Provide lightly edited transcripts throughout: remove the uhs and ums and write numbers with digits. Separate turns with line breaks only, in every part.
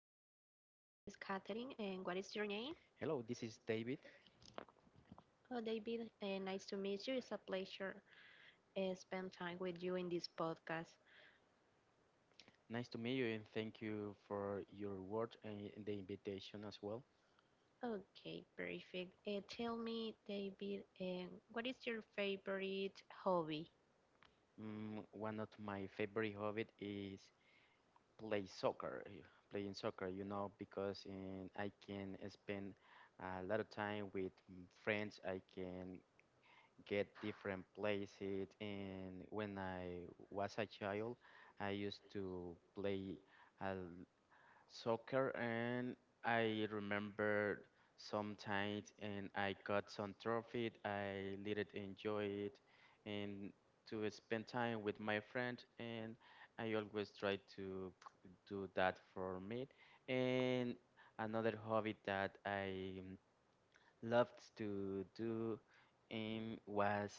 Catherine, and what is your name?
Hello, this is David.
Oh, David, nice to meet you. It's a pleasure spend time with you in this podcast.
Nice to meet you and thank you for your words and the invitation as well.
Okay, perfect. Tell me, David, what is your favorite hobby?
One of my favorite hobbies is play soccer, eh, playing soccer, because I can spend a lot of time with friends. I can get different places. And when I was a child, I used to play a soccer, and I remember sometimes and I got some trophy. I really enjoy it and to spend time with my friend, and I always try to do that for me. And another hobby that I loved to do was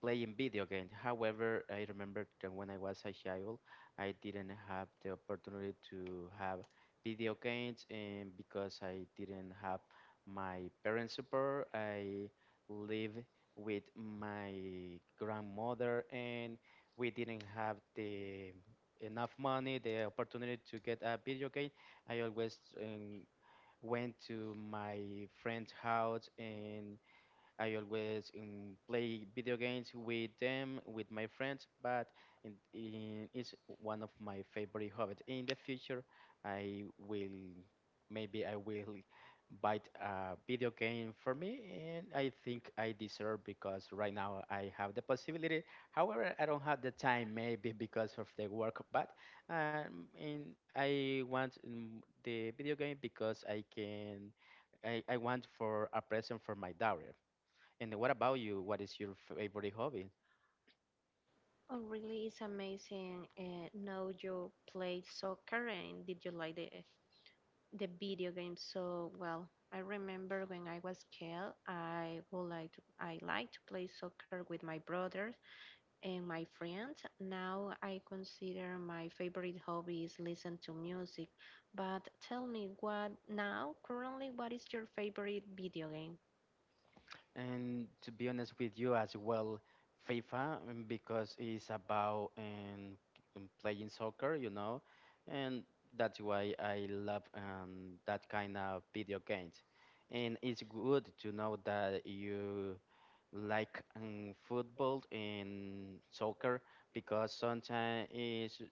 playing video games. However, I remember that when I was a child, I didn't have the opportunity to have video games, and because I didn't have my parents' support, I lived with my grandmother, and we didn't have the enough money, the opportunity to get a video game. I always went to my friend's house, and I always play video games with them, with my friends, but it's one of my favorite hobbies. In the future, I will maybe I will buy a video game for me, and I think I deserve because right now I have the possibility. However, I don't have the time maybe because of the work, but and I want the video game because I can. I want for a present for my daughter. And what about you? What is your favorite hobby?
Oh, really, it's amazing. Know you play soccer, and did you like it? The video game. So, well, I remember when I was kid, I like to play soccer with my brothers and my friends. Now I consider my favorite hobby is listen to music. But tell me what now, currently, what is your favorite video game?
And to be honest with you as well, FIFA, because it's about playing soccer, and that's why I love that kind of video games. And it's good to know that you like football and soccer, because sometimes it's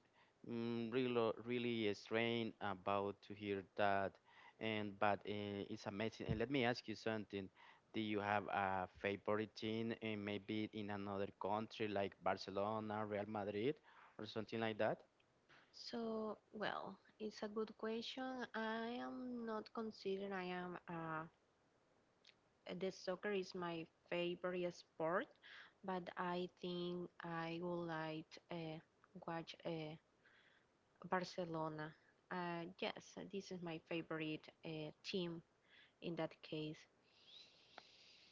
really really strange about to hear that and but it's amazing. And let me ask you something. Do you have a favorite team? And maybe in another country like Barcelona, Real Madrid, or something like that?
So, well, it's a good question. I am not considered I am a the soccer is my favorite sport, but I think I would like to watch Barcelona. Yes, this is my favorite team in that case.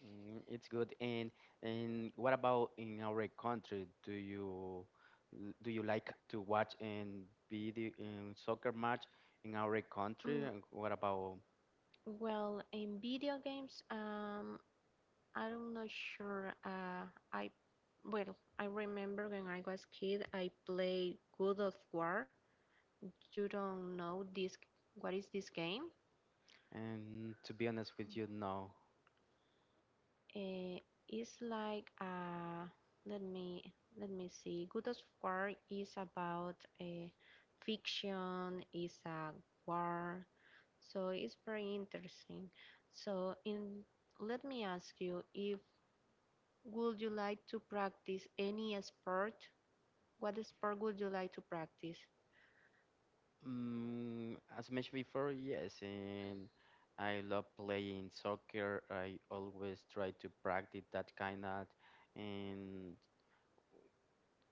Mm, it's good. And what about in our country? Do you like to watch and video in soccer match in our
Mm,
country? And what about?
well, in video games, I'm not sure. I well, I remember when I was kid, I played God of War. You don't know this? What is this game?
And to be honest with you, no.
Uh, it's like, let me let me see. Good as War is about a fiction, is a war, so it's very interesting. So, in let me ask you, if would you like to practice any sport? What sport would you like to practice?
As mentioned before, yes, and I love playing soccer. I always try to practice and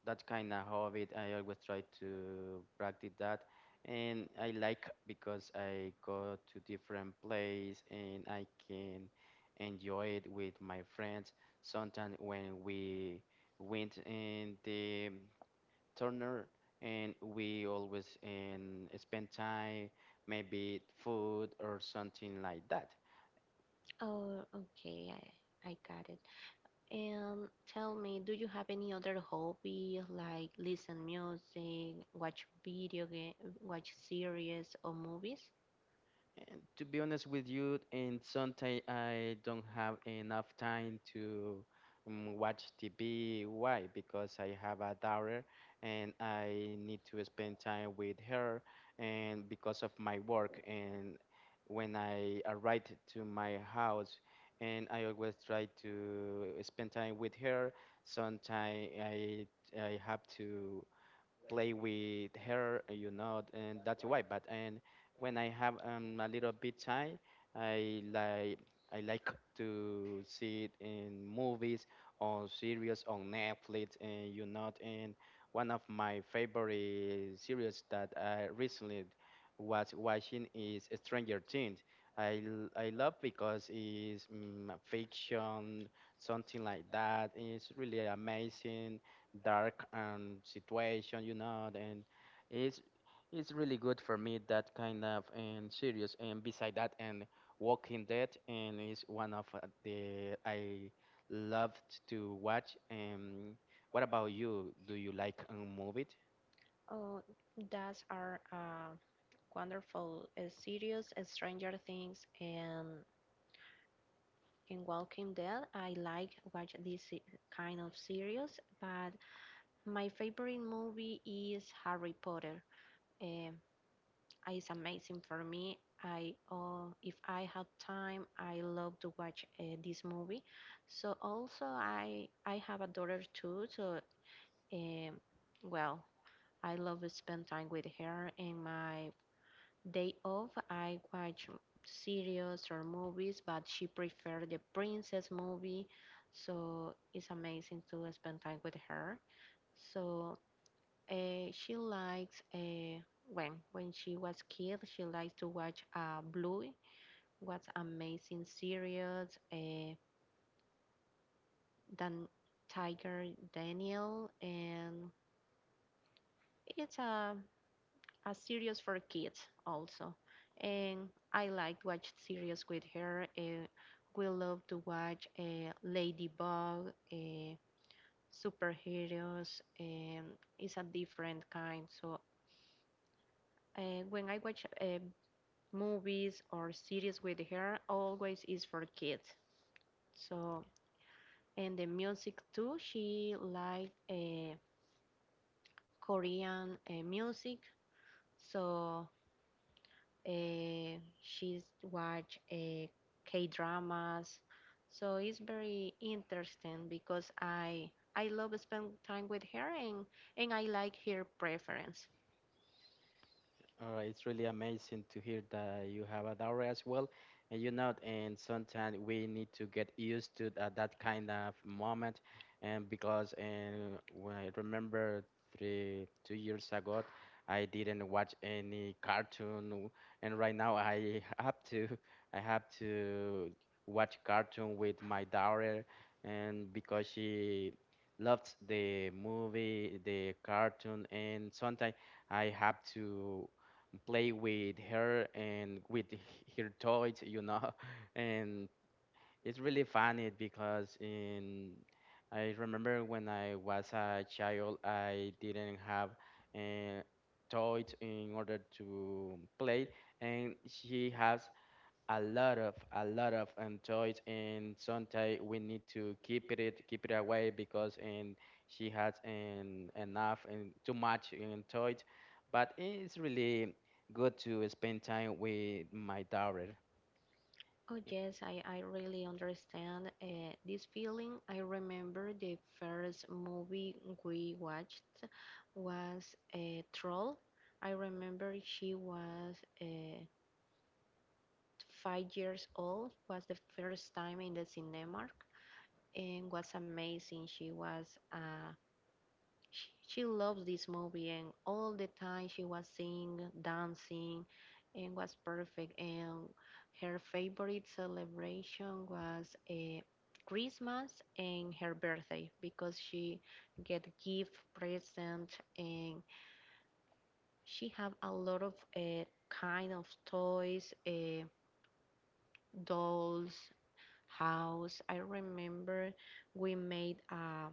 that kind of hobby. I always try to practice that, and I like because I go to different place and I can enjoy it with my friends. Sometimes when we went in the turner, and we always spend time, maybe food or something like that.
Oh, okay, I got it. And tell me, do you have any other hobby like listen music, watch video game, watch series or movies?
And to be honest with you, and sometimes I don't have enough time to watch TV. Why? Because I have a daughter and I need to spend time with her, and because of my work. And when I arrive to my house, and I always try to spend time with her. Sometimes I have to play with her, and that's why. But and when I have a little bit time, I like I like to see it in movies or series on Netflix, and one of my favorite series that I recently was watching is Stranger Things. I love because it's fiction, something like that. It's really amazing, dark situation, and it's it's really good for me that kind of and serious, and beside that and Walking Dead and is one of the I loved to watch. And what about you? Do you like movies?
Oh, that's our wonderful series, Stranger Things and in Walking Dead. I like watch this kind of series, but my favorite movie is Harry Potter. Um, It's amazing for me. I if I have time, I love to watch this movie. So also I have a daughter too. So um, well, I love to spend time with her. And my day off, I watch series or movies, but she prefer the princess movie. So it's amazing to spend time with her. So she likes, when she was kid, she likes to watch Bluey. What's amazing series? Dan Tiger Daniel, and it's a series for kids also. And I like watch series with her. We love to watch Ladybug, superheroes, and it's a different kind. So when I watch movies or series with her always is for kids. So and the music too, she like Korean music. So she's watch K dramas. So it's very interesting because I love spend time with her, and I like her preference.
It's really amazing to hear that you have a daughter as well, and sometimes we need to get used to that, kind of moment, and because and when I remember 3 2 years ago, I didn't watch any cartoon, and right now I have to watch cartoon with my daughter, and because she loved the movie, the cartoon, and sometimes. I have to play with her and with her toys. And it's really funny because in I remember when I was a child, I didn't have uh, toys in order to play, and she has a lot of enjoys, and sometimes we need to keep it away because and she has an enough and too much enjoys, but it's really good to spend time with my daughter.
Oh, yes, I really understand this feeling. I remember the first movie we watched was a troll. I remember she was uh, 5 years old, was the first time in the cinema, and was amazing. She was a she loves this movie, and all the time she was singing, dancing, and was perfect. And her favorite celebration was Christmas and her birthday, because she get gift, present, and she have a lot of kind of toys, dolls, house. I remember we made a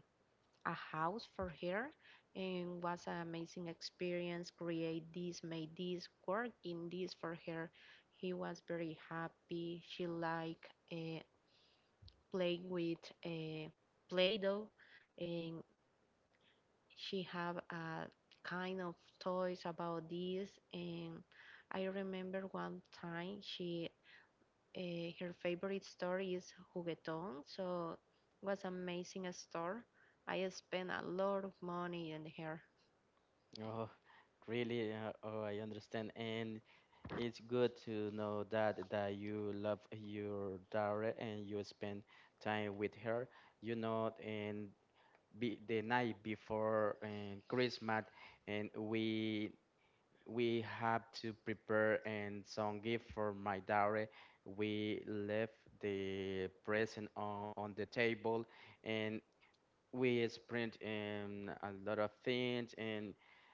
a house for her and was an amazing experience, create this, made this work in this for her. He was very happy. She like play with uh, play-doh, and she have a kind of toys about this. And I remember one time she her favorite store is Juguetón, so it was amazing store. I spent a lot of money on her.
Oh, really. Oh, I understand. And it's good to know that you love your daughter and you spend time with her, and be, the night before and Christmas, and we have to prepare and some gift for my daughter. We left the present on the table, and we spread a lot of things. And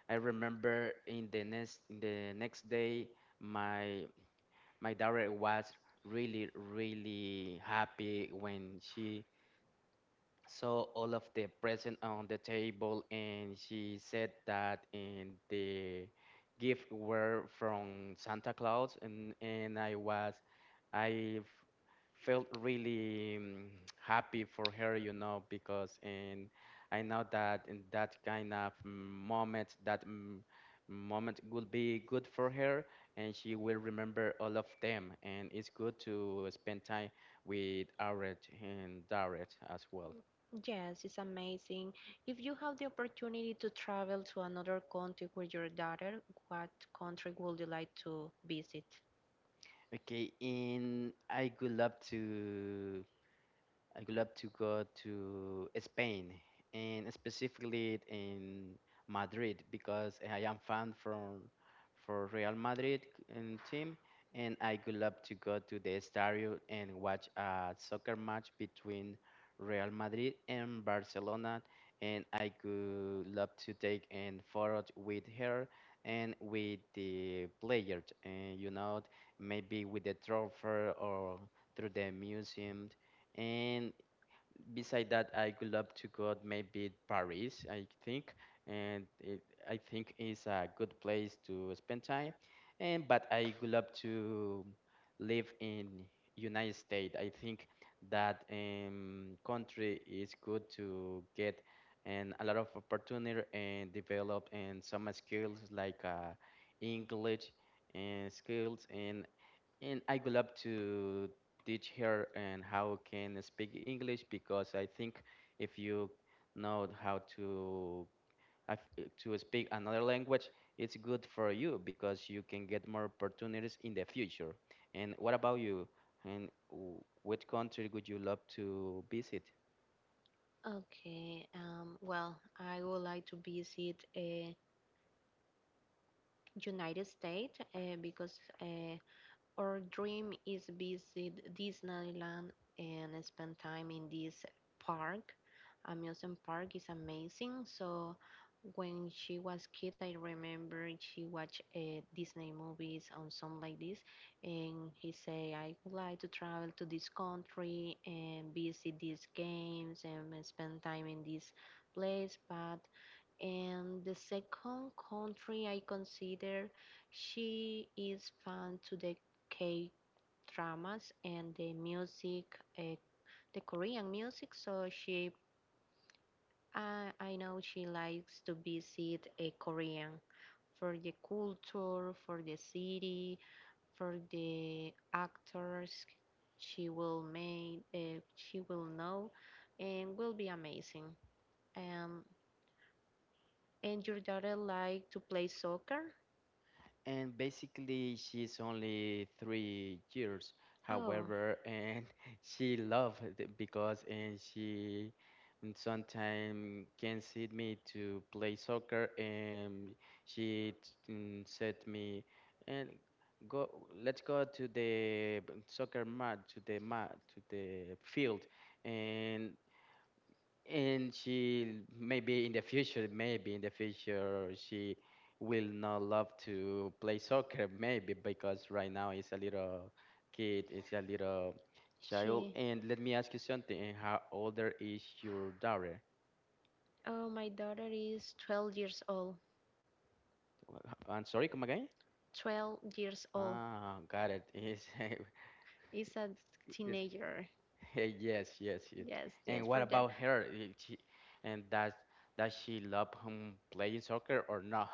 I remember in the next day, my my daughter was really really happy when she saw all of the present on the table, and she said that and the gift were from Santa Claus. And I was I f- felt really happy for her, because and I know that in that kind of moment, that moment would be good for her, and she will remember all of them, and it's good to spend time with Aret and Daret as well.
Yes, it's amazing. If you have the opportunity to travel to another country with your daughter, what country would you like to visit?
Okay, and I would love to go to Spain, and specifically in Madrid, because I am fan from for Real Madrid team, and I would love to go to the stadium and watch a soccer match between Real Madrid and Barcelona, and I could love to take and photo with her and with the players, and maybe with the trophy or through the museum. And beside that, I would love to go out maybe Paris, I think, and I think is a good place to spend time. And but I would love to live in United States. I think that country is good to get and a lot of opportunity and develop and some skills like English and skills and I would love to teach her and how can speak English, because I think if you know how to to speak another language, it's good for you, because you can get more opportunities in the future. And what about you? And which country would you love to visit?
Okay, well, I would like to visit United States, because our dream is visit Disneyland and spend time in this park. Amusement park is amazing. So when she was kid, I remember she watched Disney movies on some like this, and he say, "I would like to travel to this country and visit these games and spend time in this place." But and the second country I consider, she is fan to the K dramas and the music, uh, the Korean music. So she, I know she likes to visit a Korean for the culture, for the city, for the actors. She will know, and will be amazing. Um, and your daughter like to play soccer?
And basically she's only 3 years,
Oh,
however, and she loved it because and she sometimes can sit me to play soccer, and she said me and go, let's go to the soccer mat to the field. and and she maybe in the future she will not love to play soccer maybe, because right now it's a little child.
she.
And let me ask you something. And how older is your daughter?
Oh, my daughter is 12 years old.
I'm sorry, come again.
12 years old.
Got it, is
Is a
yes,
teenager.
yes, yes, yes.
Yes,
And
yes,
what
for that.
about her? Is she, and does she love playing soccer or not?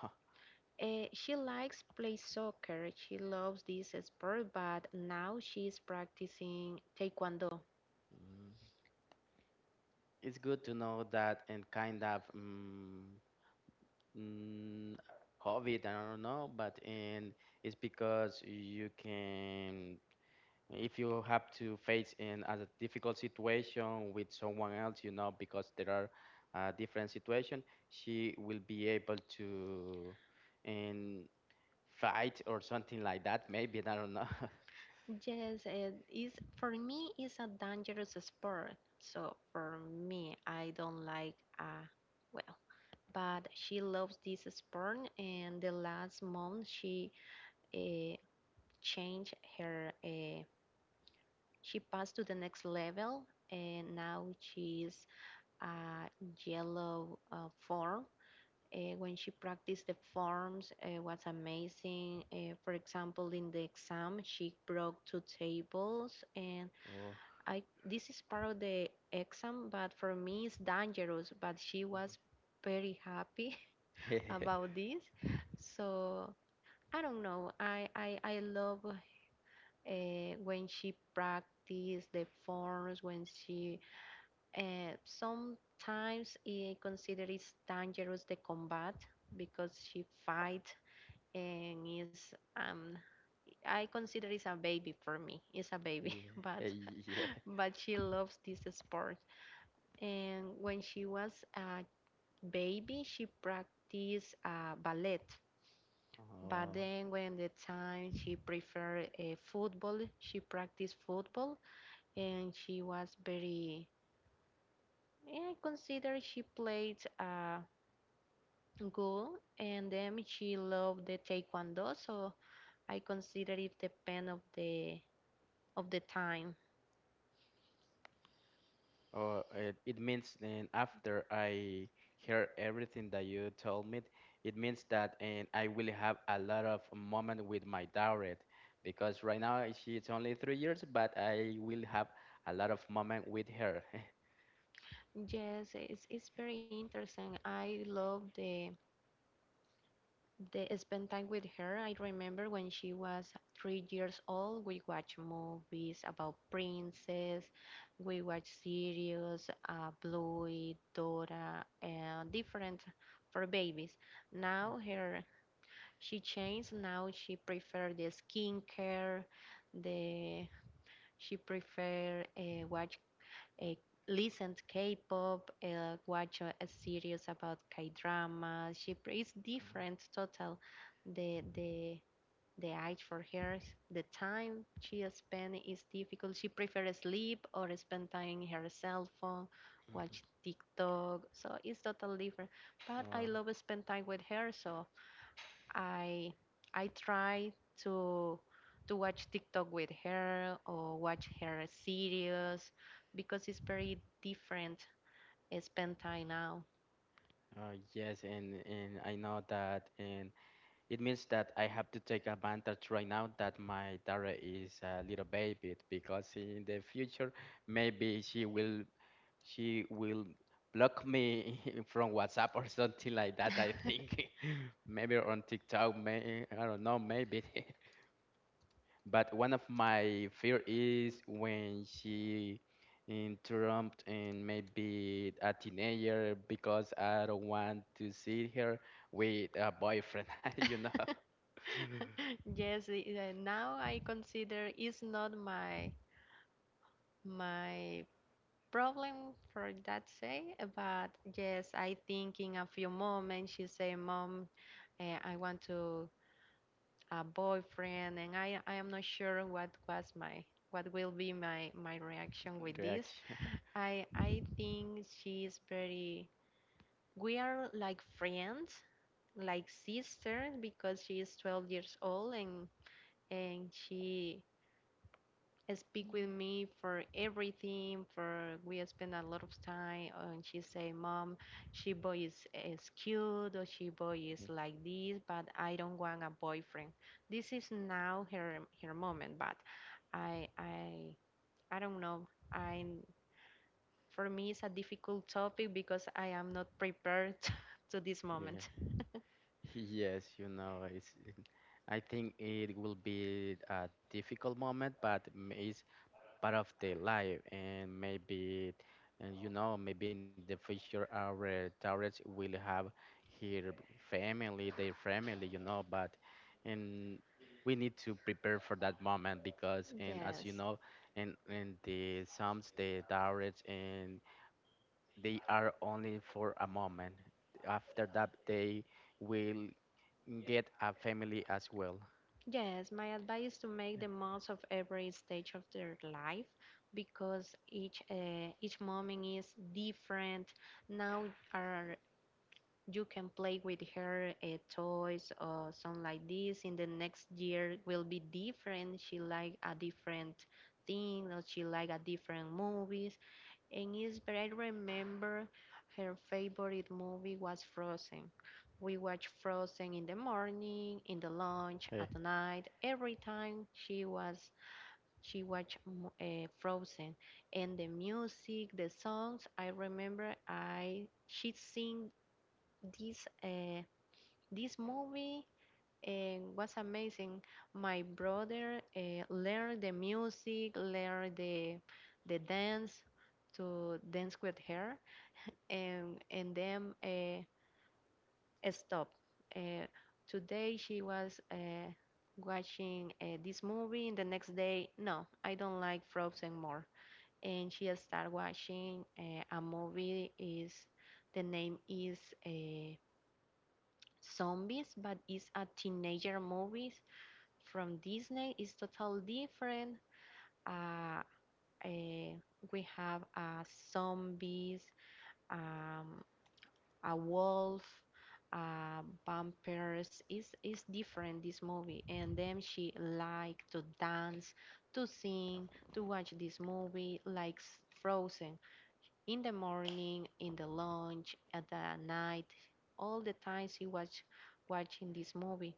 She likes play soccer. She loves this sport, but now she's practicing taekwondo.
It's good to know that and kind of mm, hobby. I don't know, but in it's because you can, if you have to face in as a difficult situation with someone else, because there are different situation, she will be able to and fight or something like that. Maybe I don't know.
Yes, it is for me it's a dangerous sport. So for me, I don't like, well, but she loves this sport. And the last month she, uh, changed her, she passed to the next level, and now she is a yellow, form, when she practiced the forms it was amazing. For example, in the exam she broke two tables, and
Oh.
I this is part of the exam, but for me it's dangerous, but she was very happy
Yeah,
about this. So I don't know. I love when she practice the forms. When she sometimes I consider it's dangerous, the combat, because she fight and is. I consider it's a baby for me. It's a baby, but
yeah.
but she loves this sport. And when she was a baby, she practiced ballet. But
Oh.
then, when the time, she preferred football, she practiced football, and she was very. I consider she played good, and then she loved the taekwondo. So I consider it depend of the time.
Oh, it means then after I hear everything that you told me, it means that and I will have a lot of moment with my daughter, because right now she's only 3 years, but I will have a lot of moment with her.
Yes, it's very interesting. I love the spend time with her. I remember when she was 3 years old, we watched movies about princess, we watched series, Bluey, Dora, and different for babies. Now she changed. Now she prefer the skincare, the she prefer, watch, uh, listen to K-pop, watch a series about K-drama. She it's different total. The the the age for her, the time she spend is difficult. She prefers sleep or spend time in her cell phone,
Mhm.
watch TikTok. So it's totally different. But I
Uh,
love spend time with her, so I I try to to watch TikTok with her or watch her series because it's very different. Spend time now.
yes, and I know that, and it means that I have to take advantage right now that my daughter is a little baby, because in the future maybe she will block me from WhatsApp or something like that, I think. Maybe on TikTok, may I don't know, maybe. But one of my fear is when she interrupt and maybe a teenager, because I don't want to see her with a boyfriend, you know,
Yes, now I consider it's not my problem for that say, but yes, I think in a few moments she say, "Mom, I want to a boyfriend, and I am not sure what was my, what will be my reaction with this.
reaction.
I think she is very." We are like friends, like sisters, because she is 12 years old, and she speak with me for everything, for we spend a lot of time, and she say, "Mom, she boy is cute," or, "she boy is like this," but I don't want a boyfriend, this is now her moment. But i i I don't know, I for me it's a difficult topic because I am not prepared to this
Yeah.
moment.
Yes, I think it will be a difficult moment, but it's part of the life, and maybe, maybe in the future our tourists will have here family, their family, but and we need to prepare for that moment, because, and as you
Yes.
know, and the sums, the tourists, and they are only for a moment. After that, they will get a family as well.
Yes, my advice is to make the most of every stage of their life, because each moment is different. Now are you can play with her toys or something like this. In the next year will be different. She like a different thing, or she like a different movies. And Isabel remembered her favorite movie was Frozen. We watched Frozen in the morning, in the
Eh,
lunch, at night. Every time she watched Frozen, and the music, the songs. I remember, I she sing this, this movie, and was amazing. My brother, learned the music, learned the dance to dance with her, and then, stop. Uh, today she was watching this movie, and the next day, no, I don't like Frozen more. And she started watching a movie. Is the name is uh, Zombies, but it's a teenager movie from Disney. It's totally different. Uh, uh, we have zombies. Um, a wolf, vampires. It's different, this movie. And then she liked to dance, to sing, to watch this movie, like Frozen. In the morning, in the lunch, at the night, all the time she was watching this movie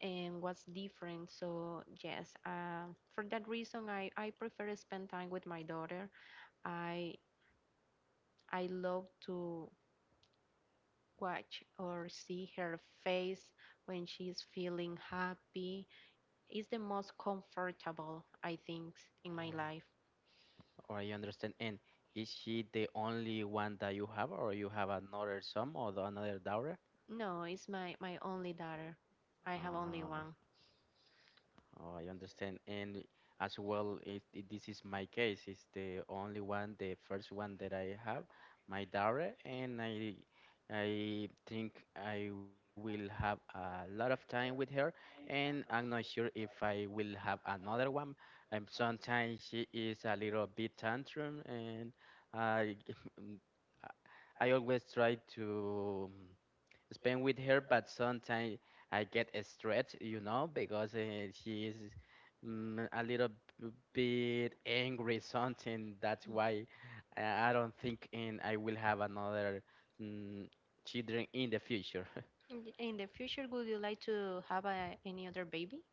and was different. So yes, for that reason, I prefer to spend time with my daughter. I I love to watch or see her face. When she's feeling happy is the most comfortable, I think, in my
uh,
life.
Or I understand. And is she the only one that you have, or you have another son or another daughter?
No, it's my only daughter. I have
Uh,
only one.
Oh, I understand. And as well, this is my case. It's the only one, the first one that I have, my daughter, and I think I will have a lot of time with her, and I'm not sure if I will have another one. Sometimes she is a little bit tantrum, and I I always try to, spend with her, but sometimes I get stressed, because she is a little b- bit angry, something. That's why I don't think in I will have another mm, children in the future.
In the future, would you like to have any other baby?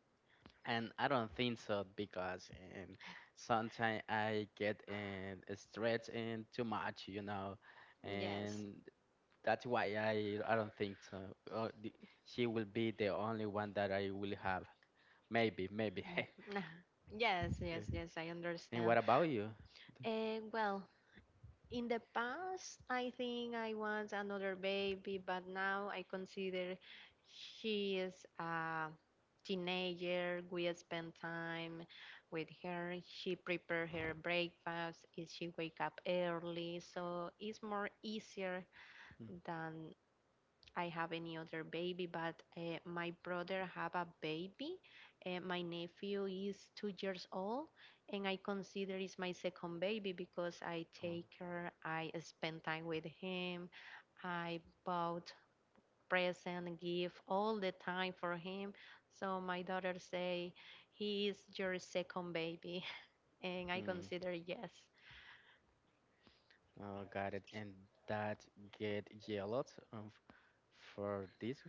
And I don't think so because sometimes I get stressed and too much,
Yes.
and that's why I don't think so. Uh, the, she will be the only one that I will have. Maybe, maybe.
Yes,
Yeah.
yes, yes, I
And
understand.
what about you?
Uh, well, In the past, I think I was another baby, but now I consider she is a teenager. We spend time with her. She prepare her breakfast. Is she wake up early? So it's more easier
Mm,
than I have any other baby, but my brother have a baby. My nephew is 2 years old, and I consider it's my second baby because I
oh,
take her, I spend time with him, I bought present, gift all the time for him. So my daughter say he is your second baby, and I
mm,
consider yes.
oh, got it. And that get yelled for this,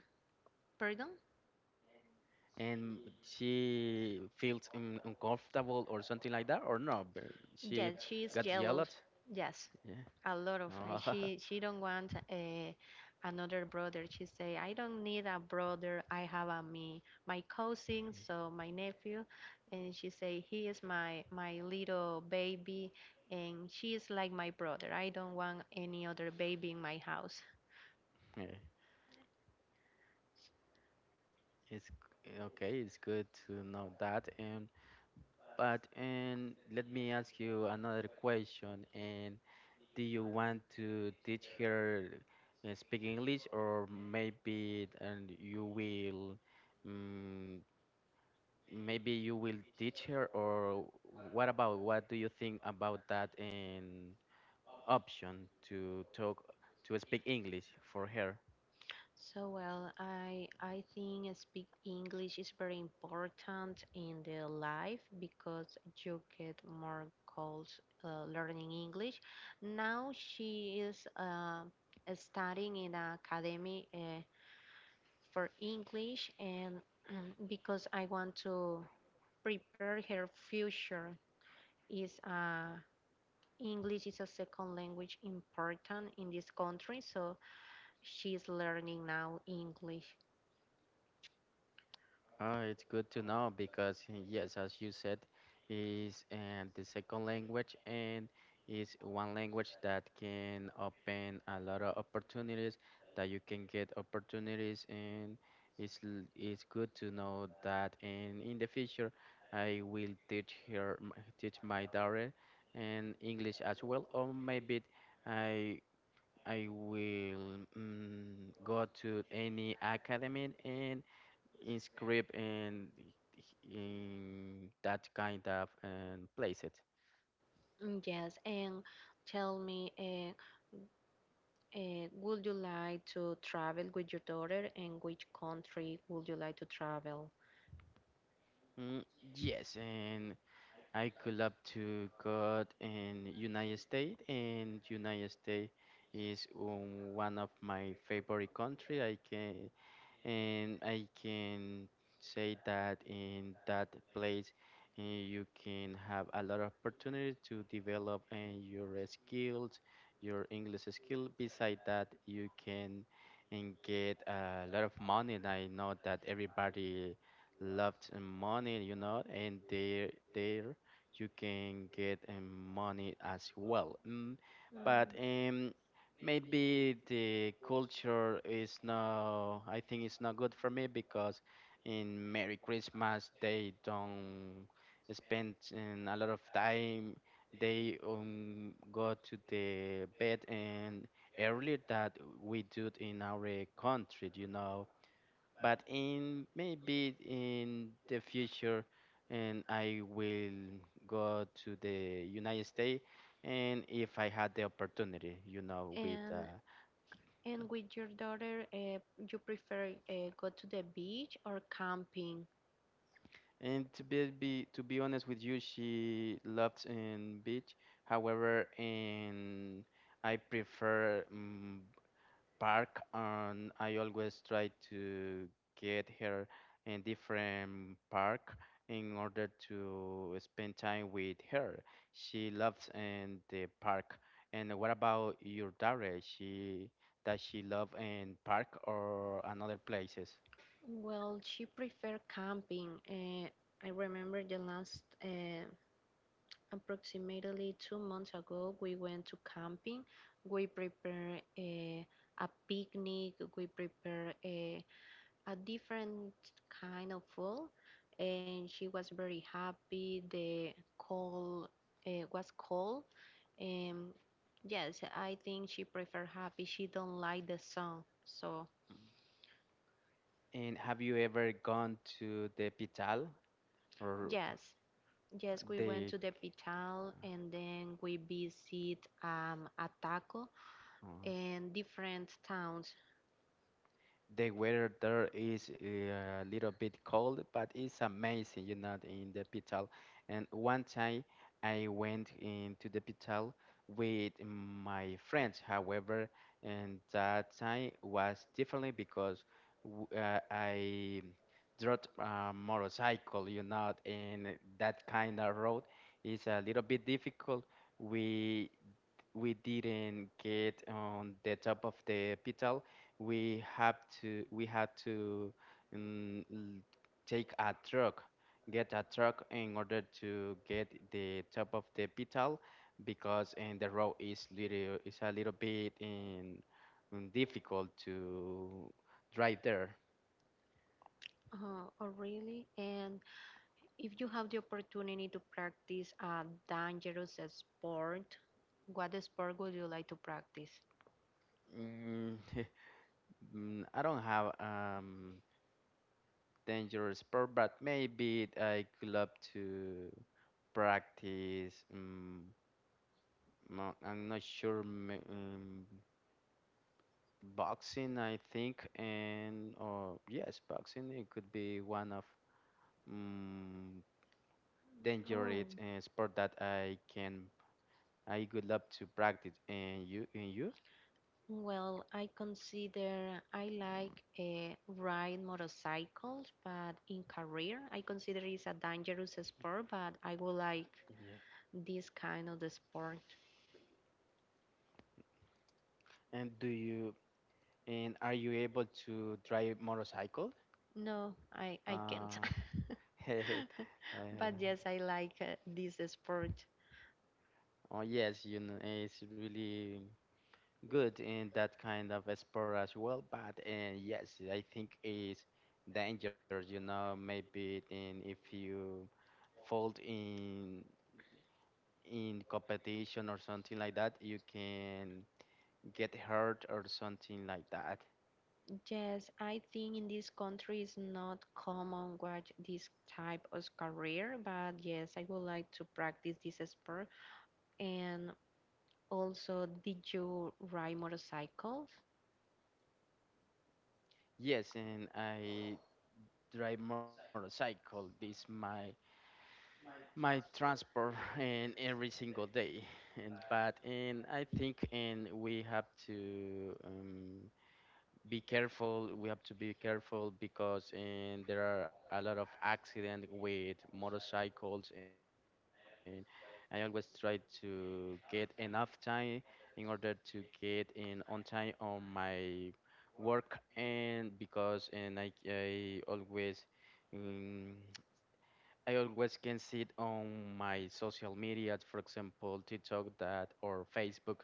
Pardon?
and she feels uncomfortable or something like that, or no? But she
Yes, she
got
is
yelled.
jealous. Yes,
Yeah.
a lot of her.
Oh,
She don't want a, another brother she say I don't need a brother I have a me my cousin so my nephew and she say he is my little baby and she is like my brother I don't want any other baby in my house.
yeah. It's okay. It's good to know that. And let me ask you another question. And do you want to teach her speak English, or maybe and you will um, maybe you will teach her, or what about what do you think about that option to talk to speak English for her?
So well, I think speak English is very important in the life because you get more calls learning English. Now she is studying in an academy for English, and because I want to prepare her future is English is a second language important in this country, so she's learning now English.
Oh, it's good to know because yes, as you said, is and the second language and is one language that can open a lot of opportunities that you can get opportunities, and it's good to know that, and in the future I will teach my daughter and English as well, or maybe I I will go to any academy and inscribed in that kind of place it.
Yes, and tell me, would you like to travel with your daughter, and which country would you like to travel?
Mm, yes, and I could love to go in United States, and United States is one of my favorite country. I can say that in that place you can have a lot of opportunities to develop your skills, your English skill. Beside that, you can and get a lot of money. And I know that everybody loves money, and there you can get money as well. But
Mm,
maybe the culture is no, I think it's not good for me because in Merry Christmas they don't spend a lot of time, they go to the bed and earlier that we do it in our country, but in maybe in the future and I will go to the United States, and if I had the opportunity, with
and and with your daughter, you prefer go to the beach or camping?
and to be honest with you, she loves in beach. However, and I prefer park, and I always try to get her in different park in order to spend time with her. She loves in the park. And what about your daughter? She does she love in park or another places?
Well, she prefer camping. I remember the last approximately 2 months ago, we went to camping. We prepare a picnic. We prepare a different kind of food, and she was very happy. The call was cold, and yes, I think she preferred happy. She don't like the song, so
And have you ever gone to the Pital, or
yes, yes, we went
the
to the pital, and then we visit Ataco
uh,
and different towns.
The weather there is a little bit cold, but it's amazing, in the pital. And one time I went into the pital with my friends. However, and that time was differently because I dropped a motorcycle, and that kind of road is a little bit difficult. We we didn't get on the top of the pital, we have we had to um, l- take a truck, get a truck in order to get the top of the pital because and the road is a little bit difficult to drive there.
Oh, really? And if you have the opportunity to practice a dangerous sport, what sport would you like to practice?
Mm, I don't have dangerous sport, but maybe I could love to practice. I'm not sure. Boxing, I think, and or yes, boxing. It could be one of um,
Oh,
dangerous sport that I can. I would love to practice.
well, I consider I like ride motorcycles, but in career, I consider it's a dangerous sport, but I would like
Yeah.
this kind of the sport.
and do you, and are you able to drive motorcycle?
No, I can't.
Uh, uh,
But yes, I like this sport.
Oh yes, it's really good in that kind of a sport as well. But and yes, I think it's dangerous. Maybe in if you fall in competition or something like that, you can get hurt or something like that.
Yes, I think in this country it's not common watch this type of career, but yes, I would like to practice this sport. And also, did you ride motorcycles?
Yes, and I drive motorcycle. This my transport in every single day, and I think and we have to be careful we have to be careful because and there are a lot of accident with motorcycles, and I always try to get enough time in order to get in on time on my work, and because and um, I always can see it on my social media, for example, TikTok that or Facebook,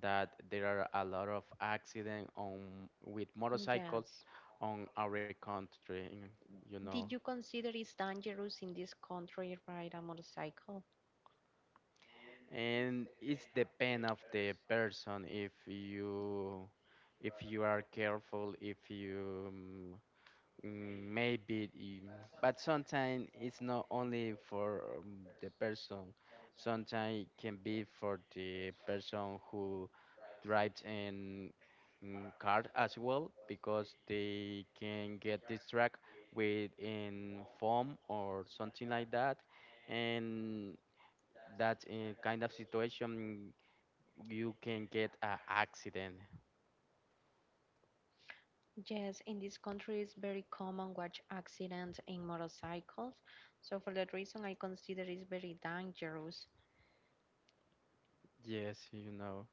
that there are a lot of accident on with motorcycles
Yes.
on our country, you know.
Did you consider it's dangerous in this country ride a motorcycle?
And it's depend of the person if you are careful, if you maybe, but sometimes it's not only for the person. Sometimes it can be for the person who drives in car as well, because they can get distracted with in phone or something like that, and that in kind of situation you can get an accident.
Yes, in this country it's very common watch accidents in motorcycles. So for that reason, I consider it's very dangerous.
Yes.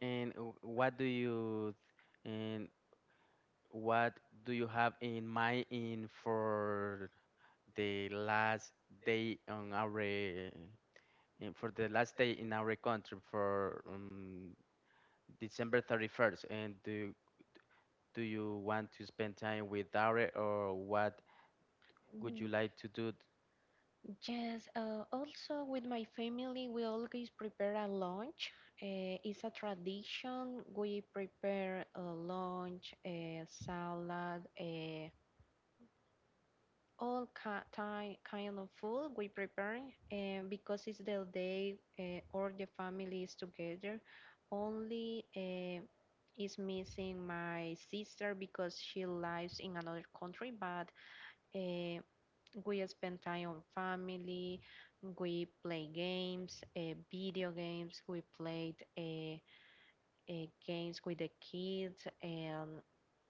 And What do you have in mind in for the last day on our eh, in, for the last day in our country for December 31st? And do you want to spend time with Dare, or what would you
Mm.
like to do?
Yes, also with my family, we always prepare a lunch. It's a tradition. We prepare a lunch, a salad, all kind of food we prepare and because it's the day all the family is together only is missing my sister because she lives in another country but uh, we spend time on family we play games video games we played games with the kids and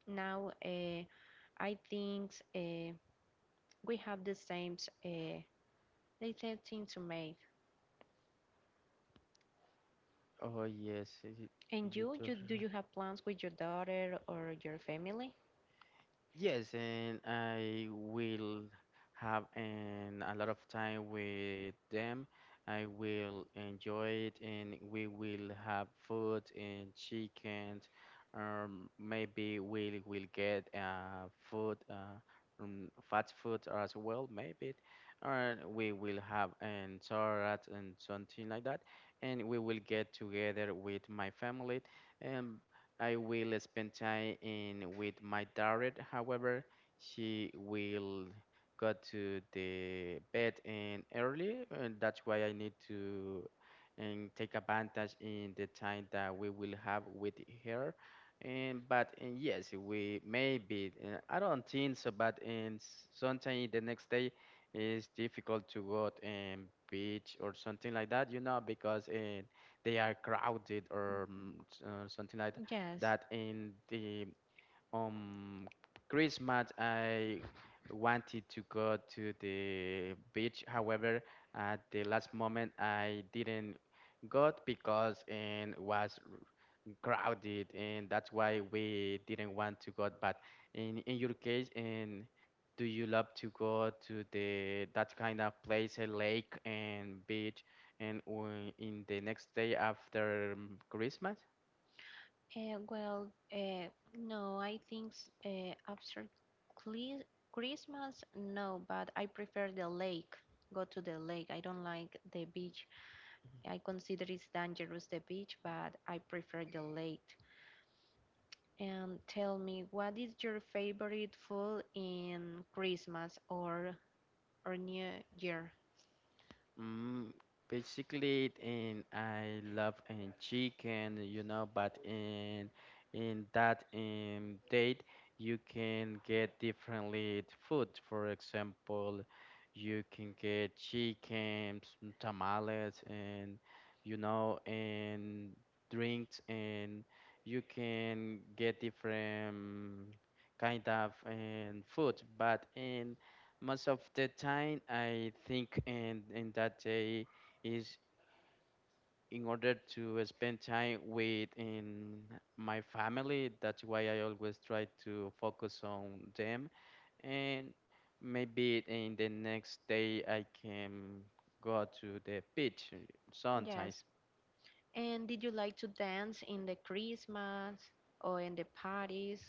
now I think we have the same uh, they said things to me.
Oh yes,
And
you told.
do you have plans with your daughter or your family?
Yes, and I will have a lot of time with them. I will enjoy it, and we will have food and chicken. Maybe we will get fast food as well, maybe. Or we will have an salad and something like that. And we will get together with my family. Um, I will spend time in with my daughter. However, she will go to the bed and early, and that's why I need to and take advantage in the time that we will have with her. And but and yes, we maybe I don't think so, but in sometime the next day is difficult to go and beach or something like that, because they are crowded, or something like that,
Yes.
that in the um Christmas I wanted to go to the beach. However, at the last moment I didn't go because it was crowded, and that's why we didn't want to go. But in your case, and do you love to go to the that kind of place, a lake and beach, and in the next day after Christmas?
Uh, well, uh, no, I think after Cli- Christmas, no, but I prefer the lake. Go to the lake. I don't like the beach. I consider it's dangerous, the beach, but I prefer the lake. And tell me, what is your favorite food in Christmas or New Year?
Mm, Basically, and I love and chicken, you know, but in that date, you can get differently food. For example, you can get chicken, some tamales, and drinks, and you can get different kind of food. But in most of the time I think in that day is in order to spend time with in my family. That's why I always try to focus on them, and maybe in the next day I can go to the beach sometimes.
Yes. And did you like to dance in the Christmas or in the parties?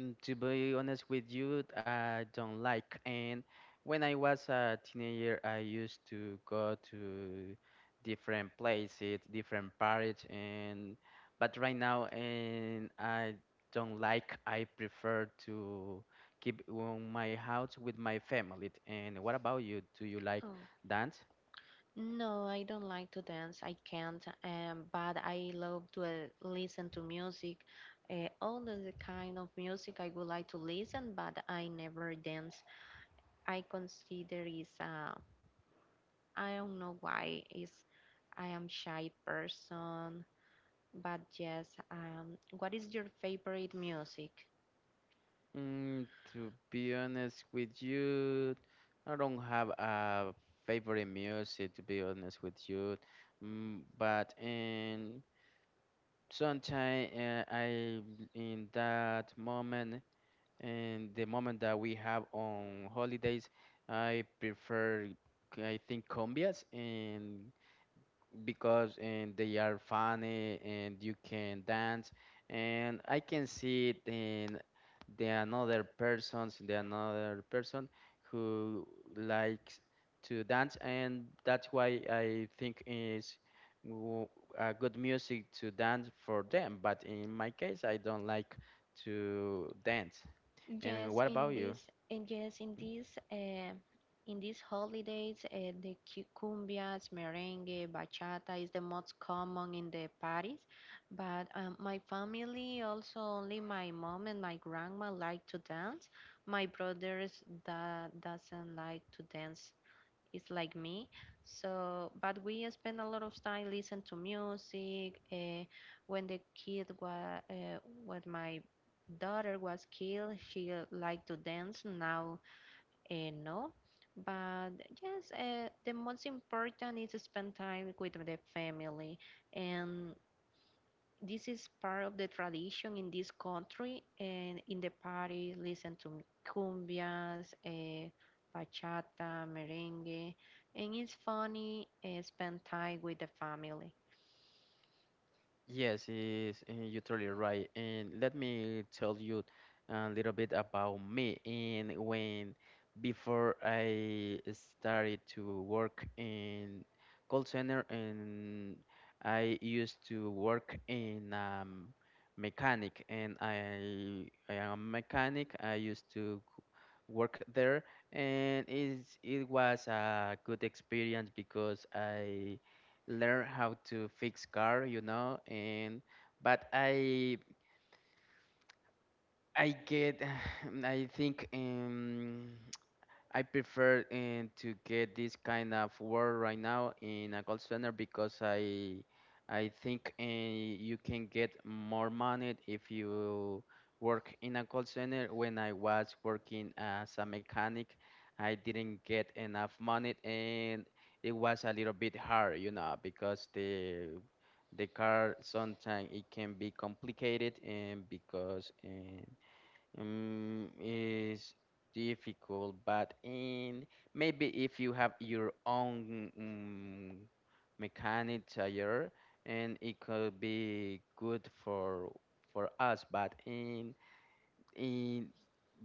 To be honest with you, I don't like. And when I was a teenager, I used to go to different places, different parties, and but right now, and I don't like. I prefer to keep on my house with my family. And what about you? Do you like
Oh.
dance?
No, I don't like to dance. I can't. But I love to listen to music. All the kind of music I would like to listen, but I never dance. I consider is I don't know why is I am shy person. But yes, what is your favorite music?
Mm, to be honest with you, I don't have a favorite music, to be honest with you. But in sometimes I in that moment, in the moment that we have on holidays, I prefer I think cumbias and because and they are funny, and you can dance, and I can see it in the another person who likes to dance, and that's why I think is w- a good music to dance for them, but in my case I don't like to dance. And
Yes,
what about
in
you? Mm-hmm.
this, and yes, in this, in these holidays, the cumbias, merengue, bachata is the most common in the parties. But my family, also only my mom and my grandma like to dance. My brothers that doesn't like to dance is like me. So, but we spend a lot of time listening to music. When the kid was, when my daughter was killed, she liked to dance. Now, no. But yes, the most important is to spend time with the family and this is part of the tradition in this country and in the party listen to cumbias bachata merengue and it's funny spend time with the family
Yes, is you're totally right. And let me tell you a little bit about me. And when before I started to work in call center, and I used to work in mechanic, and I am a mechanic. I used to work there, and is it was a good experience because I learn how to fix car, and but I get I think I prefer to get this kind of work right now in a call center because I think you can get more money if you work in a call center. When I was working as a mechanic, I didn't get enough money and it was a little bit hard, you know, because the car sometimes it can be complicated and because is difficult. But in maybe if you have your own mechanic tire, and it could be good for us. But in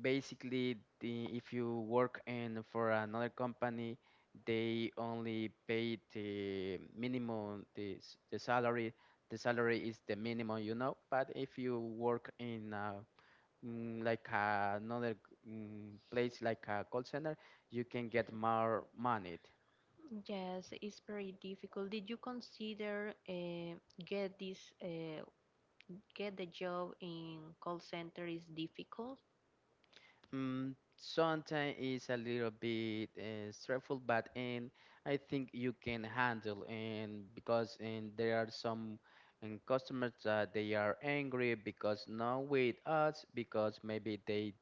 basically, if you work in for another company, they only pay the salary. The salary is the minimum, you know. But if you work in a like another place like a call center, you can get more money.
yes it's very difficult did you consider get this get the job in call center is difficult
Mm, sometimes it's a little bit stressful, but and I think you can handle and because and there are some and customers that they are angry because not with us because maybe they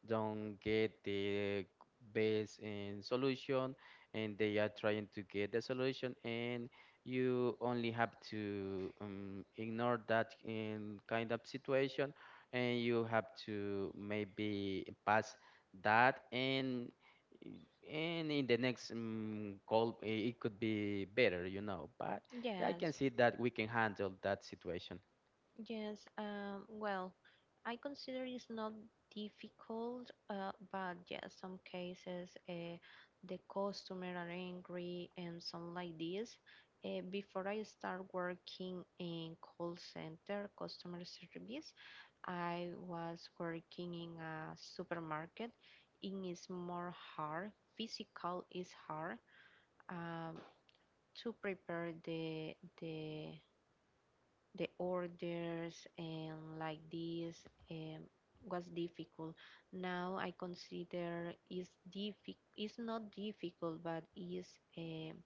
don't get the best in solution and they are trying to get the solution and you only have to ignore that in kind of situation, and you have to maybe pass that and in the next call it could be better, you know, but I can
yes.
see that we can handle that situation.
Yes, well, I consider it's not difficult, but yeah, some cases the customer are angry and some like this. Before I start working in call center customer service, I was working in a supermarket. It is more hard. Physical is hard um, to prepare the the orders and like this um, was difficult. Now I consider is difficult. It's not difficult, but is um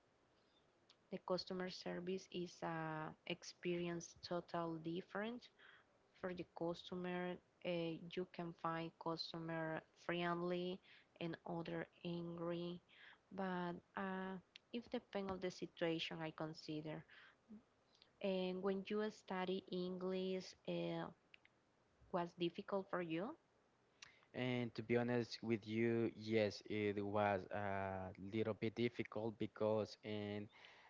the customer service is a experience total different for the customer. You can find customer friendly and other angry, but it depends on the situation. I consider. And when you study English, was difficult for you?
And to be honest with you, yes, it was a little bit difficult because and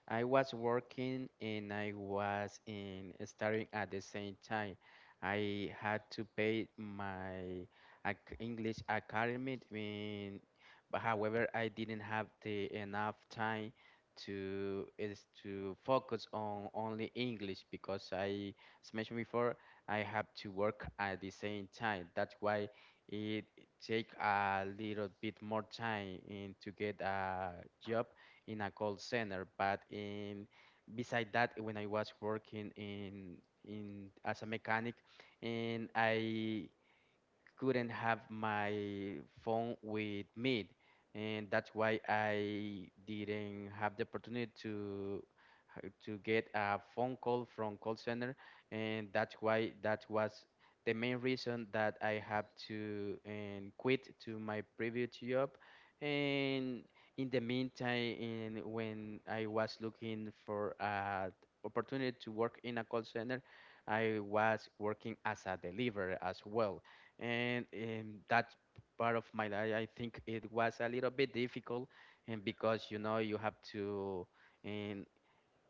I was working and I was in studying at the same time. I had to pay my English academy in, but however, I didn't have the enough time to is to focus on only English because I, as mentioned before, I have to work at the same time. That's why it take a little bit more time in to get a job in a call center. But in beside that, when I was working in as a mechanic, and I couldn't have my phone with me, and that's why I didn't have the opportunity to to get a phone call from call center, and that's why that was the main reason that I have to and quit to my previous job. And in the meantime, in, when I was looking for a opportunity to work in a call center, I was working as a deliverer as well, and in that part of my life, I think it was a little bit difficult, and because you know you have to and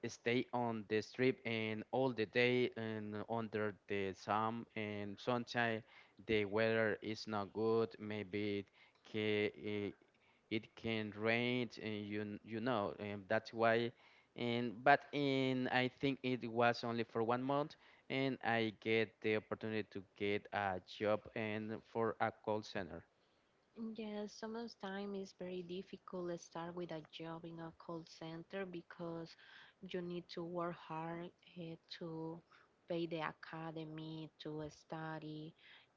stay on the strip and all the day and under the sun, and sometimes the weather is not good. Maybe it can, it can rain, and you you know. And that's why, and but in I think it was only for 1 month and I get the opportunity to get a job and for a call center.
Yes, sometimes it's very difficult to start with a job in a call center because you need to work hard to pay the academy, to study.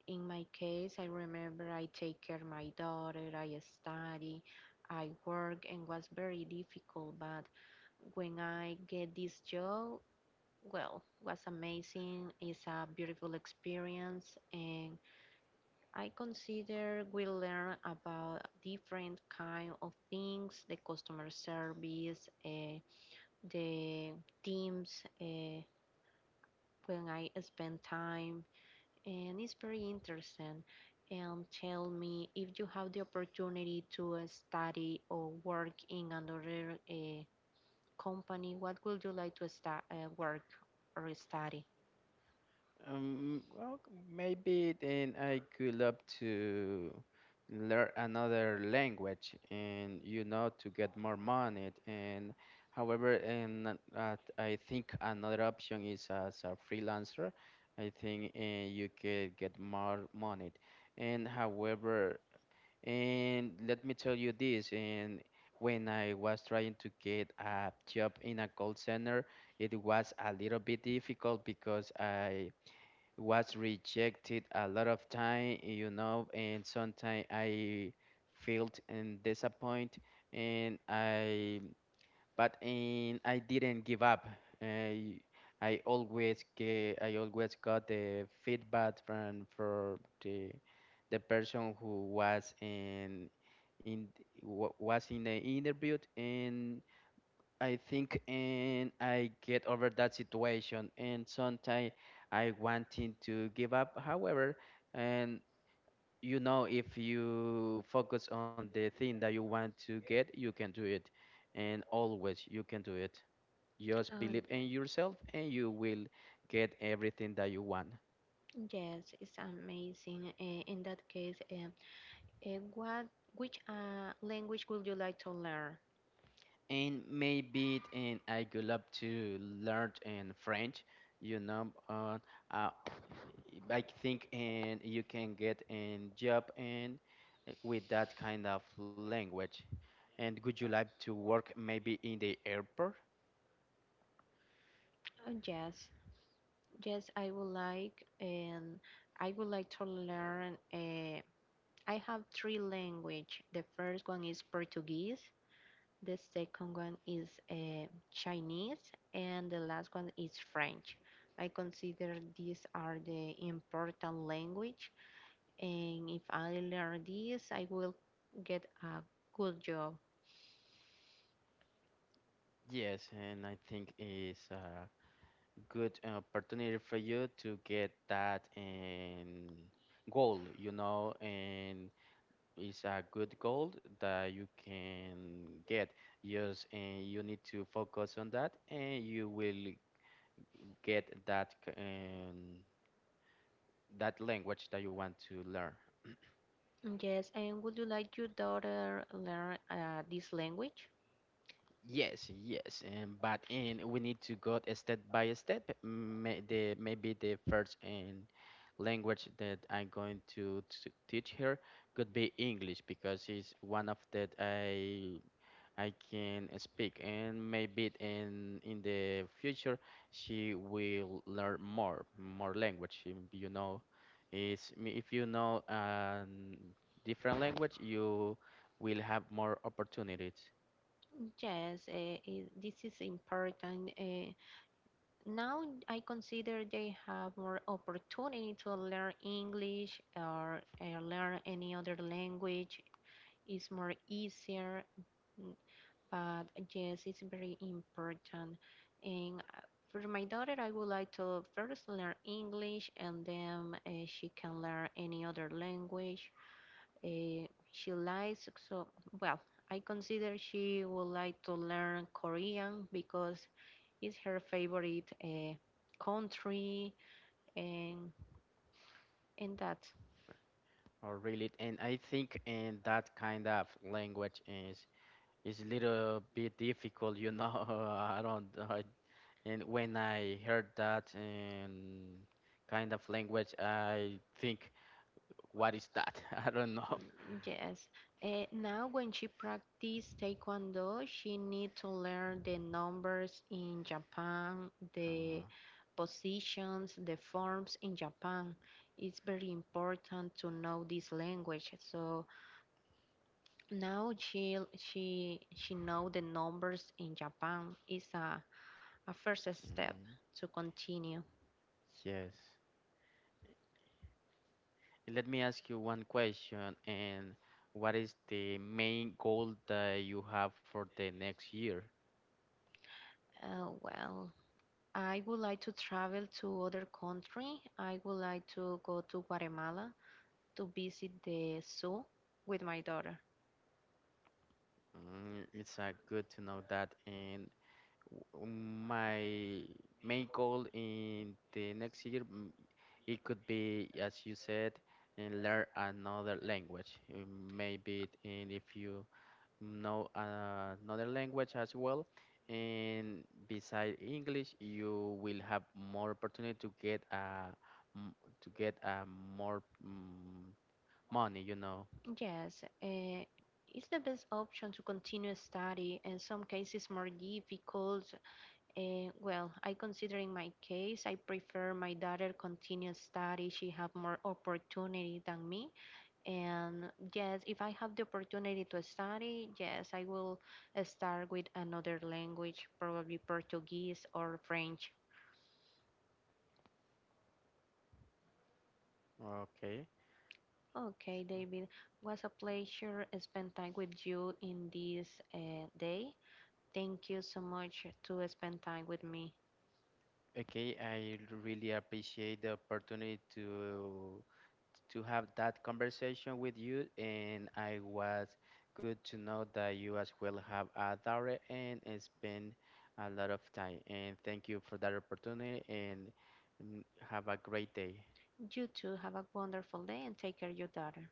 In my case, I remember I take care of my daughter, I study, I work, and was very difficult. But when I get this job, well, was amazing. It's a beautiful experience, and I consider we learn about different kind of things, the customer service, the teams, when I spend time, and it's very interesting. And tell me if you have the opportunity to study or work in another company, what would you like to sta work or study?
Well, maybe then I could love to learn another language, and you know, to get more money. And however, and I think another option is as a freelancer. I think you could get more money. And however, and let me tell you this, and when I was trying to get a job in a call center, it was a little bit difficult because I was rejected a lot of time, you know, and sometimes I felt and disappointed, and I but and I didn't give up. I I always get, I always got the feedback from for the person who was in was in the interview, and I think and I get over that situation, and sometimes I wanting to give up. However, and you know if you focus on the thing that you want to get, you can do it. And always you can do it. Just
Oh,
believe in
yes,
yourself and you will get everything that you want.
yes, it's amazing. In that case, and what, which language would you like to learn?
And maybe and I would love to learn in French. You know, uh, I think and you can get a job and with that kind of language. And would you like to work maybe in the airport?
Yes, yes, I would like, and I would like to learn. I have three language. The first one is Portuguese. The second one is Chinese, and the last one is French. I consider these are the important language, and if I learn this, I will get a good job.
Yes, and I think it's a good opportunity for you to get that and goal, you know, and is a good goal that you can get. Yes, and you need to focus on that, and you will get that that language that you want to learn.
Yes, and would you like your daughter learn this language?
Yes, yes, and but and we need to go a step by step. May, the maybe the first and language that I'm going to teach her could be English because it's one of that I can speak, and maybe in the future she will learn more language. You know, is if you know a different language, you will have more opportunities
Yes, this is important. Now I consider they have more opportunity to learn English or learn any other language. It's more easier, mm, but yes, it's very important. And for my daughter, I would like to first learn English, and then she can learn any other language. She likes so well. I consider she would like to learn Korean because it's her favorite country and and that
or really. And I think in that kind of language is a little bit difficult. You know, I don't. I, and when I heard that and kind of language, I think. What is that? I don't know.
yes. Now when she practice taekwondo, she need to learn the numbers in Japan, the
Uh,
positions, the forms in Japan. It's very important to know this language. So now she know the numbers in Japan is a first step
mm,
to continue.
yes. Let me ask you one question. And what is the main goal that you have for the next year?
Oh well, I would like to travel to other country. I would like to go to Guatemala to visit the zoo with my daughter.
Mm, it's good to know that. And my main goal in the next year, mm, it could be, as you said, and learn another language. Mm, maybe in if you know another language as well. And beside English, you will have more opportunity to get m- to get more money, you know.
Yes, it's the best option to continue study. In some cases, more difficult. Well, I consider in my case, I prefer my daughter continue study. She have more opportunity than me. And yes, if I have the opportunity to study, yes, I will start with another language, probably Portuguese or French.
Okay. It's
Okay,
good.
David, was a pleasure spend time with you in this day. Thank you so much to spend time with me.
Okay, I really appreciate the opportunity to have that conversation with you, and I was good to know that you as well have a adored and spend a lot of time. And thank you for that opportunity, and mm, have a great day.
You too, have a wonderful day and take care of your daughter.